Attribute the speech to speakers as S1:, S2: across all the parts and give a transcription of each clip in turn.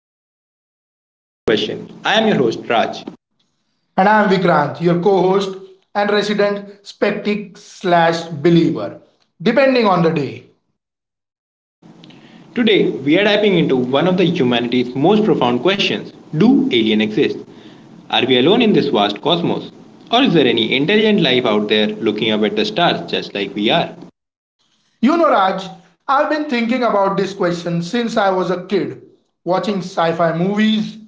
S1: we tackle the universe's biggest question. I am your host, Raj.
S2: And I'm Vikrant, your co host and resident skeptic slash believer, depending on the day.
S1: Today, we are diving into one of the humanity's most profound questions. Do aliens exist? Are we alone in this vast cosmos? Or is there any intelligent life out there looking up at the stars just like we are?
S2: You know, Raj, I've been thinking about this question since I was a kid, watching sci fi movies.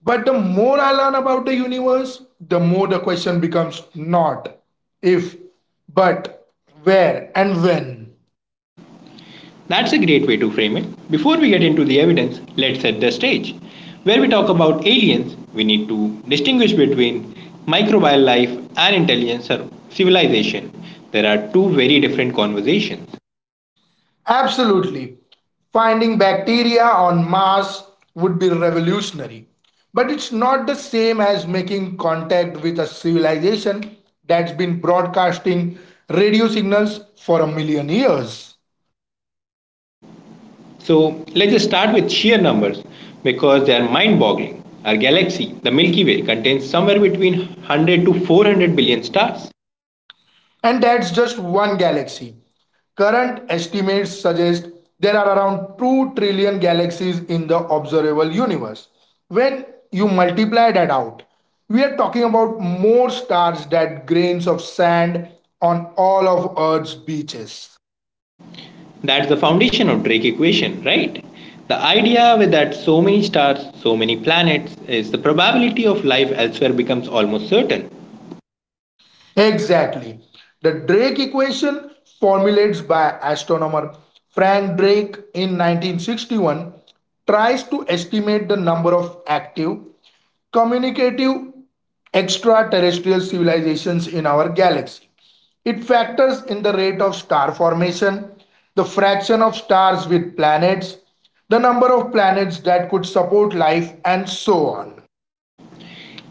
S2: But the more I learn about the universe, the more the question becomes not if, but where and when.
S1: That's a great way to frame it. Before we get into the evidence, let's set the stage. Where we talk about aliens, we need to distinguish between microbial life and intelligence or civilization. There are two very different conversations.
S2: Absolutely. Finding bacteria on Mars would be revolutionary. But it's not the same as making contact with a civilization that's been broadcasting radio signals for a million years.
S1: So let's just start with sheer numbers because they are mind boggling. Our galaxy, the Milky Way, contains somewhere between 100 to 400 billion stars.
S2: And that's just one galaxy. Current estimates suggest there are around 2 trillion galaxies in the observable universe. When you multiply that out, we are talking about more stars than grains of sand on all of Earth's beaches.
S1: That's the foundation of Drake equation, right? The idea with that so many stars, so many planets is the probability of life elsewhere becomes almost certain.
S2: Exactly. The Drake equation, formulated by astronomer Frank Drake in 1961, tries to estimate the number of active, communicative extraterrestrial civilizations in our galaxy. It factors in the rate of star formation, the fraction of stars with planets, the number of planets that could support life, and so on.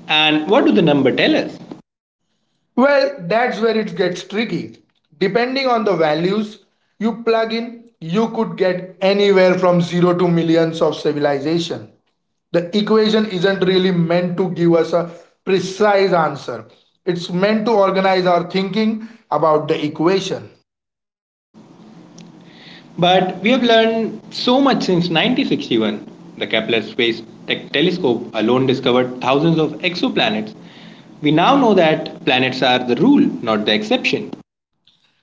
S1: And what do the number tell us?
S2: Well, that's where it gets tricky. Depending on the values you plug in, you could get anywhere from zero to millions of civilization. The equation isn't really meant to give us a precise answer. It's meant to organize our thinking about the equation.
S1: But we have learned so much since 1961. The Kepler Space Telescope alone discovered thousands of exoplanets. We now know that planets are the rule, not the exception.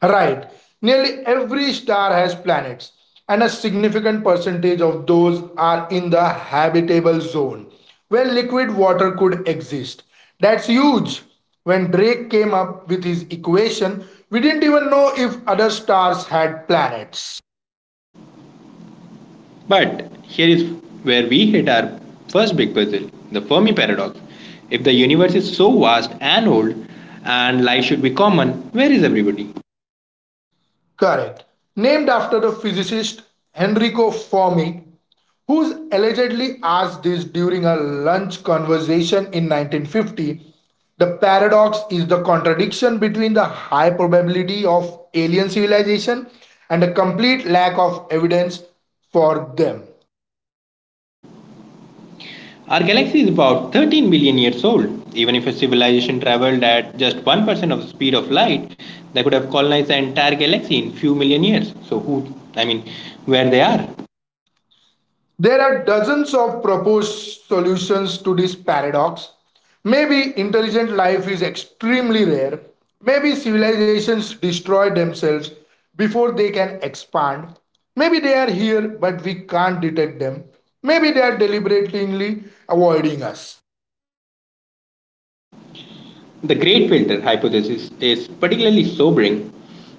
S2: Right. Nearly every star has planets, and a significant percentage of those are in the habitable zone where liquid water could exist. That's huge. When Drake came up with his equation, we didn't even know if other stars had planets.
S1: But here is where we hit our first big puzzle, the Fermi paradox. If the universe is so vast and old, and life should be common, where is everybody?
S2: Correct. Named after the physicist Enrico Fermi, who's allegedly asked this during a lunch conversation in 1950. The paradox is the contradiction between the high probability of alien civilization and a complete lack of evidence for them.
S1: Our galaxy is about 13 billion years old. Even if a civilization traveled at just 1% of the speed of light, they could have colonized the entire galaxy in few million years. So who I mean where they are?
S2: There are dozens of proposed solutions to this paradox. Maybe intelligent life is extremely rare. Maybe civilizations destroy themselves before they can expand. Maybe they are here, but we can't detect them. Maybe they are deliberately avoiding us.
S1: The great filter hypothesis is particularly sobering.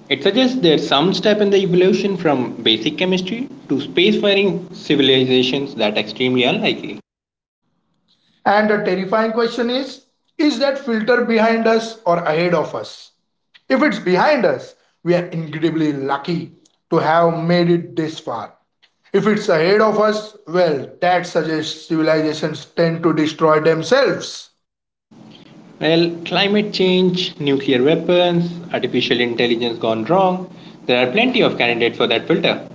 S1: It suggests there's some step in the evolution from basic chemistry to spacefaring civilizations that are extremely unlikely.
S2: And the terrifying question is that filter behind us or ahead of us? If it's behind us, we are incredibly lucky to have made it this far. If it's ahead of us, well, that suggests civilizations tend to destroy themselves.
S1: Well, climate change, nuclear weapons, artificial intelligence gone wrong, there are plenty of candidates for that filter.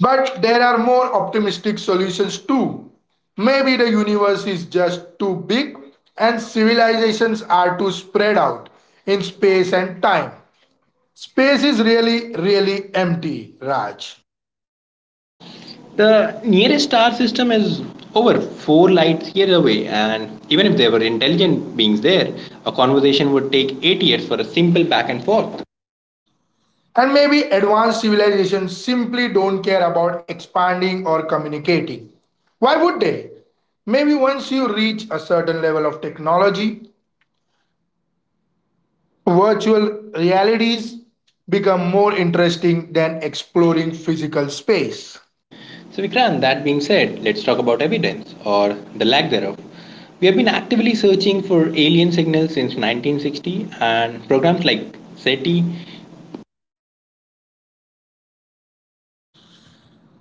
S2: But there are more optimistic solutions too. Maybe the universe is just too big and civilizations are too spread out in space and time. Space is really, really empty, Raj.
S1: The nearest star system is over 4 light years away, and even if there were intelligent beings there, a conversation would take 8 years for a simple back and forth.
S2: And maybe advanced civilizations simply don't care about expanding or communicating. Why would they? Maybe once you reach a certain level of technology, virtual realities become more interesting than exploring physical space.
S1: So, Vikrant, that being said, let's talk about evidence or the lack thereof. We have been actively searching for alien signals since 1960, and programs like SETI.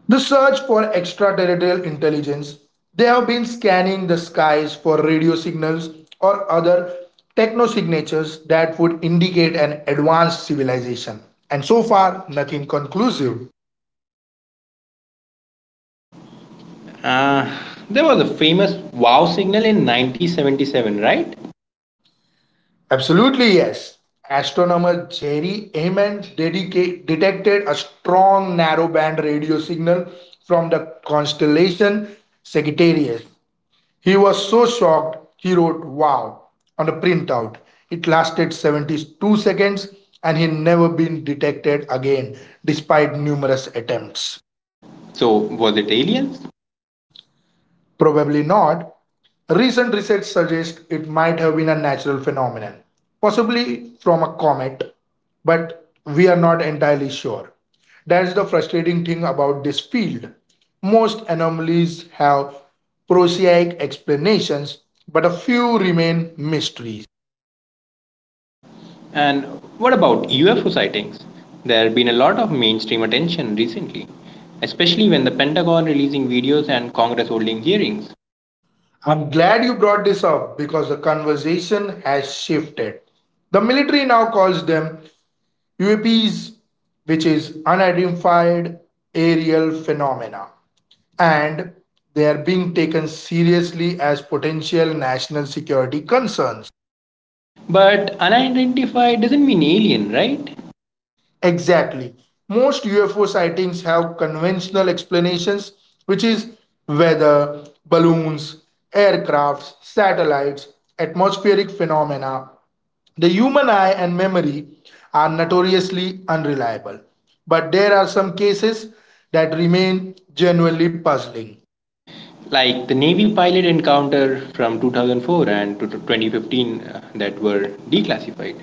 S2: The search for extraterrestrial intelligence, they have been scanning the skies for radio signals or other technosignatures that would indicate an advanced civilization. And so far, nothing conclusive.
S1: Uh, there was a famous wow signal in 1977, right?
S2: Absolutely, yes. Astronomer Jerry Heyman detected a strong narrowband radio signal from the constellation Sagittarius. He was so shocked, he wrote wow on a printout. It lasted 72 seconds and he never been detected again despite numerous attempts.
S1: So, was it aliens?
S2: Probably not. Recent research suggests it might have been a natural phenomenon, possibly from a comet, but we are not entirely sure. That's the frustrating thing about this field. Most anomalies have prosaic explanations, but a few remain mysteries.
S1: And what about UFO sightings? There have been a lot of mainstream attention recently, especially when the Pentagon releasing videos and Congress holding hearings.
S2: I'm glad you brought this up because the conversation has shifted. The military now calls them UAPs, which is unidentified aerial phenomena, and they are being taken seriously as potential national security concerns.
S1: But unidentified doesn't mean alien, right?
S2: Exactly. Most UFO sightings have conventional explanations, which is weather, balloons, aircrafts, satellites, atmospheric phenomena. The human eye and memory are notoriously unreliable, but there are some cases that remain genuinely puzzling.
S1: Like the Navy pilot encounter from 2004 and to 2015 that were declassified.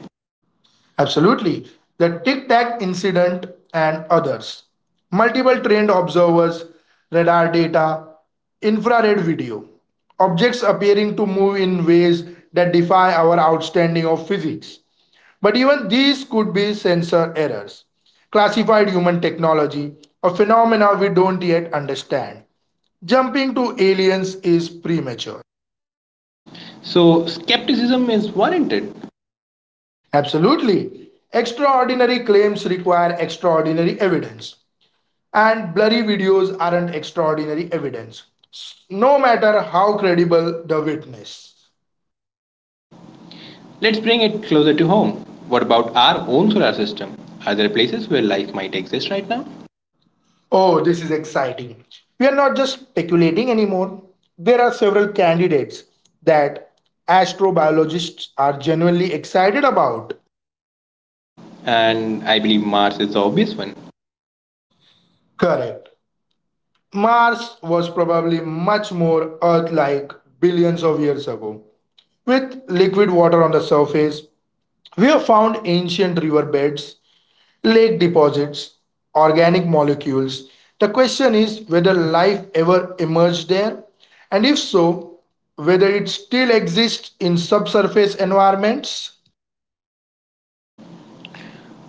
S2: Absolutely. The Tic Tac incident and others. Multiple trained observers, radar data, infrared video. Objects appearing to move in ways that defy our understanding of physics. But even these could be sensor errors. Classified human technology, a phenomena we don't yet understand. Jumping to aliens is premature.
S1: So skepticism is warranted.
S2: Absolutely. Extraordinary claims require extraordinary evidence, and blurry videos aren't extraordinary evidence, no matter how credible the witness.
S1: Let's bring it closer to home. What about our own solar system? Are there places where life might exist right now?
S2: Oh, this is exciting. We are not just speculating anymore. There are several candidates that astrobiologists are genuinely excited about.
S1: And I believe Mars is the obvious one.
S2: Correct. Mars was probably much more Earth like billions of years ago. With liquid water on the surface, we have found ancient riverbeds, lake deposits, organic molecules. The question is whether life ever emerged there, and if so, whether it still exists in subsurface environments.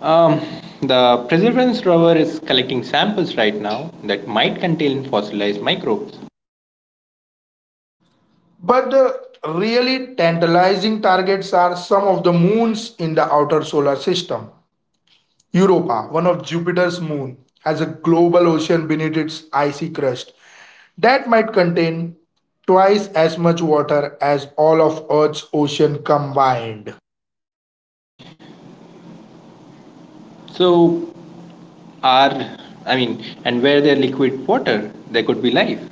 S1: Um, the Perseverance rover is collecting samples right now that might contain fossilized microbes.
S2: But the really tantalizing targets are some of the moons in the outer solar system. Europa, one of Jupiter's moons, has a global ocean beneath its icy crust that might contain twice as much water as all of Earth's ocean combined.
S1: So, are I mean, and where there's liquid water, there could be life.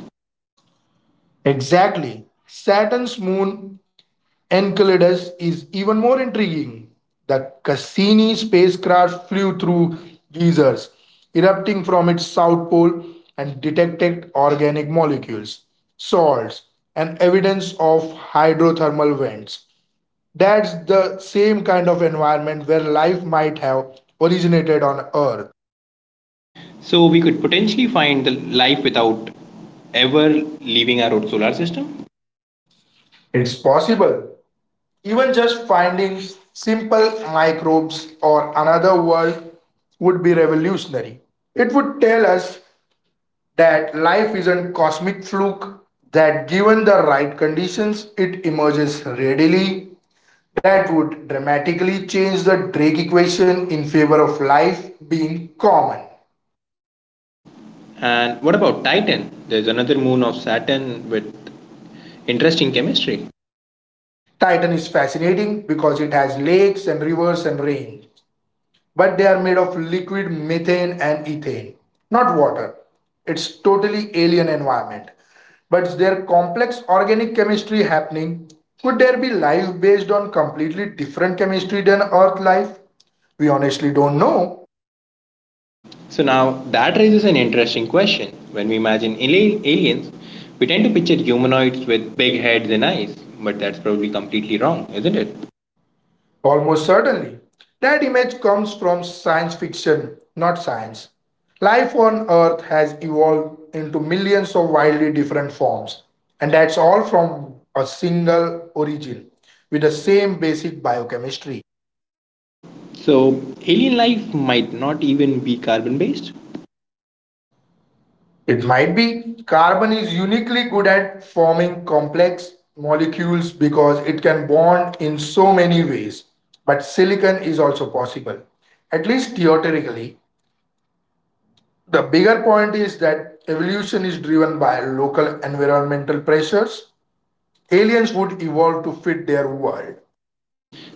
S2: Exactly. Saturn's moon Enceladus is even more intriguing. The Cassini spacecraft flew through geysers erupting from its south pole and detected organic molecules, salts, and evidence of hydrothermal vents. That's the same kind of environment where life might have originated on Earth.
S1: So we could potentially find the life without ever leaving our own solar system.
S2: It's possible. Even just finding simple microbes or another world would be revolutionary. It would tell us that life isn't cosmic fluke, that given the right conditions it emerges readily. That would dramatically change the Drake equation in favor of life being common.
S1: And what about Titan? There's another moon of Saturn with interesting chemistry.
S2: Titan is fascinating because it has lakes and rivers and rain, but they are made of liquid methane and ethane, not water. It's totally alien environment. But their complex organic chemistry happening, could there be life based on completely different chemistry than Earth life? We honestly don't know.
S1: So now that raises an interesting question. When we imagine aliens, we tend to picture humanoids with big heads and eyes, but that's probably completely wrong, isn't it?
S2: Almost certainly. That image comes from science fiction, not science. Life on Earth has evolved into millions of wildly different forms, and that's all from a single origin with the same basic biochemistry.
S1: So alien life might not even be carbon based.
S2: It might be carbon is uniquely good at forming complex molecules because it can bond in so many ways, but silicon is also possible, at least theoretically. The bigger point is that evolution is driven by local environmental pressures. Aliens would evolve to fit their world.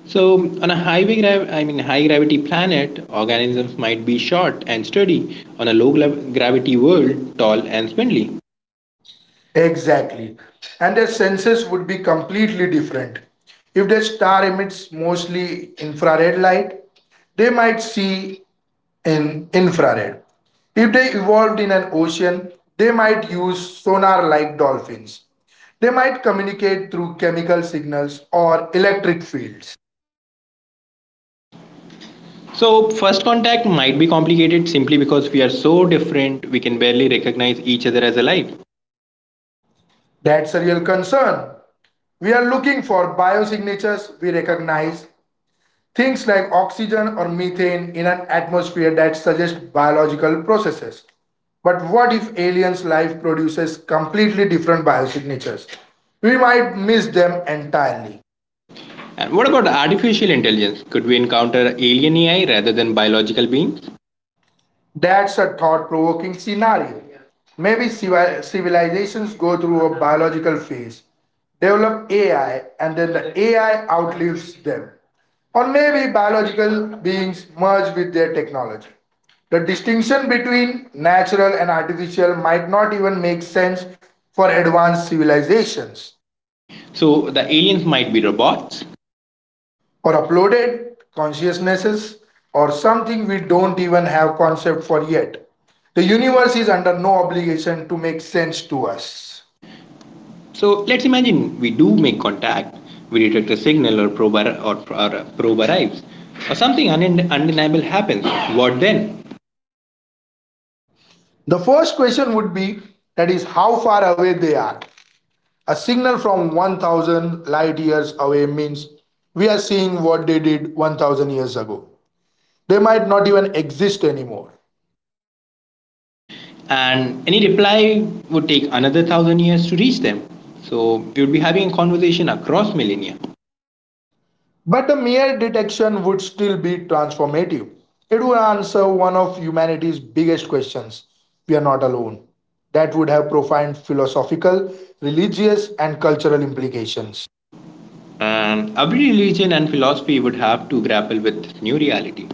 S1: So, on a high gravity planet, organisms might be short and sturdy. On a low gravity world, tall and spindly.
S2: Exactly. And their senses would be completely different. If their star emits mostly infrared light, they might see in infrared. If they evolved in an ocean, they might use sonar like dolphins. They might communicate through chemical signals or electric fields.
S1: So, first contact might be complicated simply because we are so different, we can barely recognize each other as alive.
S2: That's a real concern. We are looking for biosignatures we recognize, things like oxygen or methane in an atmosphere that suggest biological processes. But what if aliens' life produces completely different biosignatures? We might miss them entirely.
S1: And what about artificial intelligence? Could we encounter alien AI rather than biological beings?
S2: That's a thought provoking scenario. Maybe civilizations go through a biological phase, develop AI, and then the AI outlives them. Or maybe biological beings merge with their technology. The distinction between natural and artificial might not even make sense for advanced civilizations.
S1: So, the aliens might be robots,
S2: Or uploaded consciousnesses, or something we don't even have concept for yet. The universe is under no obligation to make sense to us.
S1: so let's imagine we do make contact, we detect a signal or probe arrives, or something undeniable happens. What then?
S2: The first question would be, that is how far away they are. A signal from 1,000 light years away means we are seeing what they did 1,000 years ago. They might not even exist anymore.
S1: And any reply would take another 1,000 years to reach them. So we would be having a conversation across millennia.
S2: But the mere detection would still be transformative. It would answer one of humanity's biggest questions: we are not alone. That would have profound philosophical, religious, and cultural implications.
S1: And every religion and philosophy would have to grapple with this new reality.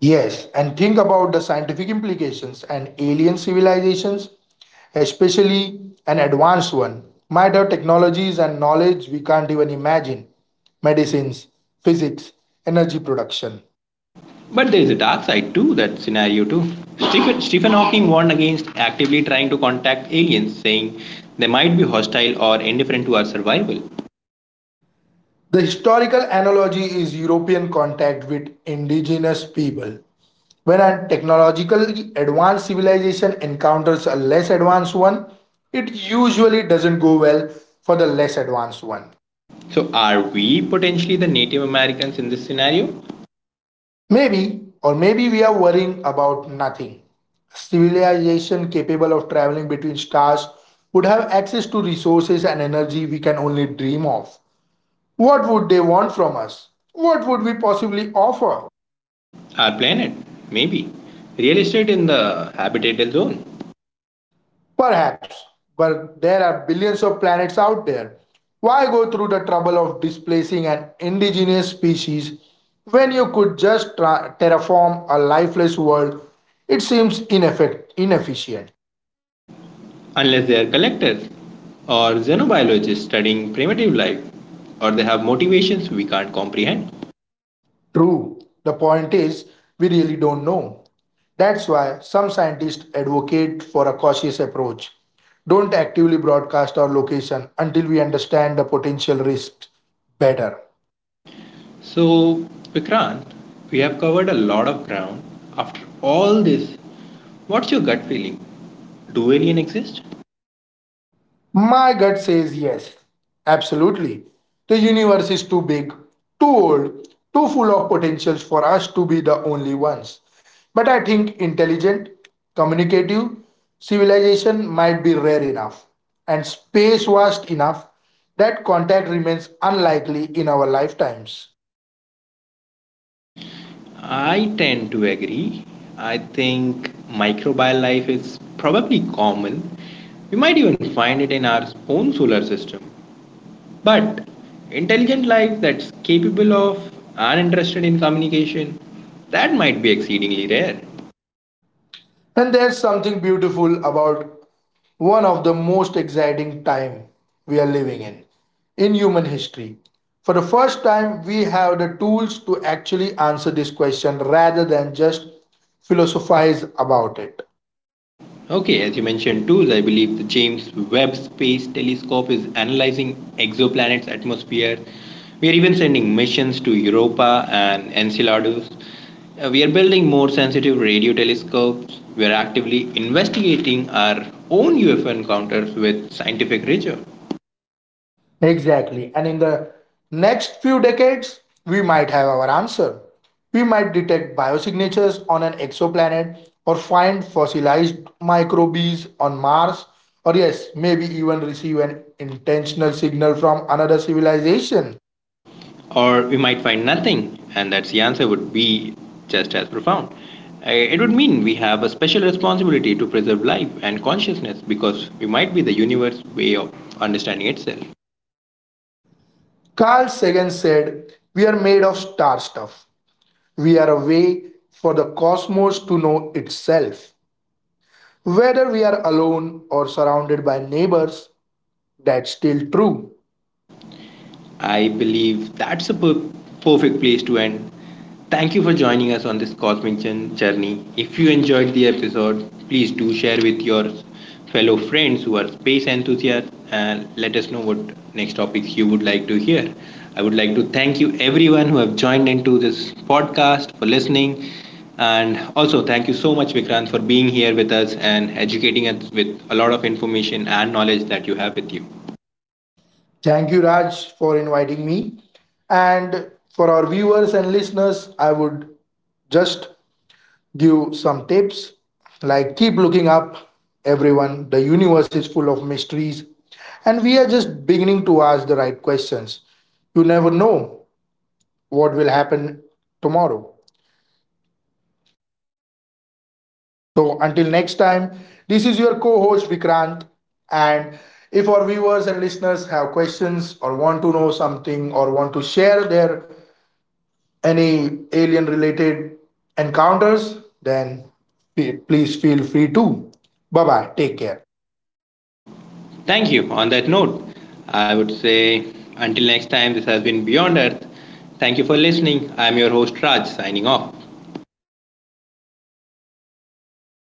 S2: Yes, and think about the scientific implications and alien civilizations, especially an advanced one, might have technologies and knowledge we can't even imagine: medicines, physics, energy production.
S1: But there is a dark side to that scenario too. Stephen Hawking warned against actively trying to contact aliens, saying they might be hostile or indifferent to our survival.
S2: The historical analogy is European contact with indigenous people. When a technologically advanced civilization encounters a less advanced one, it usually doesn't go well for the less advanced one.
S1: So, are we potentially the Native Americans in this scenario?
S2: Maybe, or maybe we are worrying about nothing. A civilization capable of traveling between stars would have access to resources and energy we can only dream of. What would they want from us? What would we possibly offer?
S1: Our planet? Maybe. Real estate in the habitable zone,
S2: Perhaps, but there are billions of planets out there. Why go through the trouble of displacing an indigenous species when you could just terraform a lifeless world? It seems inefficient.
S1: unless they are collectors or xenobiologists studying primitive life, or they have motivations we can't comprehend.
S2: True, the point is, we really don't know. That's why some scientists advocate for a cautious approach. Don't actively broadcast our location until we understand the potential risks better.
S1: So, Vikrant, we have covered a lot of ground. After all this, what's your gut feeling? Do aliens exist?
S2: My gut says yes. Absolutely. The universe is too big, too old, too full of potentials for us to be the only ones. But I think intelligent, communicative civilization might be rare enough and space vast enough that contact remains unlikely in our lifetimes.
S1: I tend to agree. I think microbial life is probably common. We might even find it in our own solar system. But intelligent life that's capable of and interested in communication, that might be exceedingly rare.
S2: And there's something beautiful about one of the most exciting time we are living in human history. For the first time we have the tools to actually answer this question rather than just philosophize about it.
S1: Okay, as you mentioned, too, I believe the James Webb Space Telescope is analyzing exoplanets' atmosphere. We are even sending missions to Europa and Enceladus. We are building more sensitive radio telescopes. We are actively investigating our own UFO encounters with scientific rigor.
S2: Exactly, and in the next few decades we might have our answer. We might detect biosignatures on an exoplanet, or find fossilized microbes on Mars, or yes, maybe even receive an intentional signal from another civilization.
S1: Or we might find nothing, and that's the answer would be just as profound. It would mean we have a special responsibility to preserve life and consciousness because we might be the universe's way of understanding itself.
S2: Carl Sagan said, "We are made of star stuff. We are a way for the cosmos to know itself." Whether we are alone or surrounded by neighbors, that's still true.
S1: I believe that's a perfect place to end. Thank you for joining us on this cosmic journey. If you enjoyed the episode, please do share with your fellow friends who are space enthusiasts and let us know what next topics you would like to hear. I would like to thank you everyone who have joined into this podcast for listening and also thank you so much Vikrant for being here with us and educating us with a lot of information and knowledge that you have with you.
S2: Thank you, Raj, for inviting me. And for our viewers and listeners, I would just give some tips like keep looking up, everyone. The universe is full of mysteries, and we are just beginning to ask the right questions. You never know what will happen tomorrow. So until next time, this is your co-host Vikrant. And if our viewers and listeners have questions or want to know something or want to share their any alien related encounters, then please feel free to. Bye bye. Take care.
S1: Thank you. On that note, I would say until next time, this has been Beyond Earth. Thank you for listening. I'm your host Raj, signing off.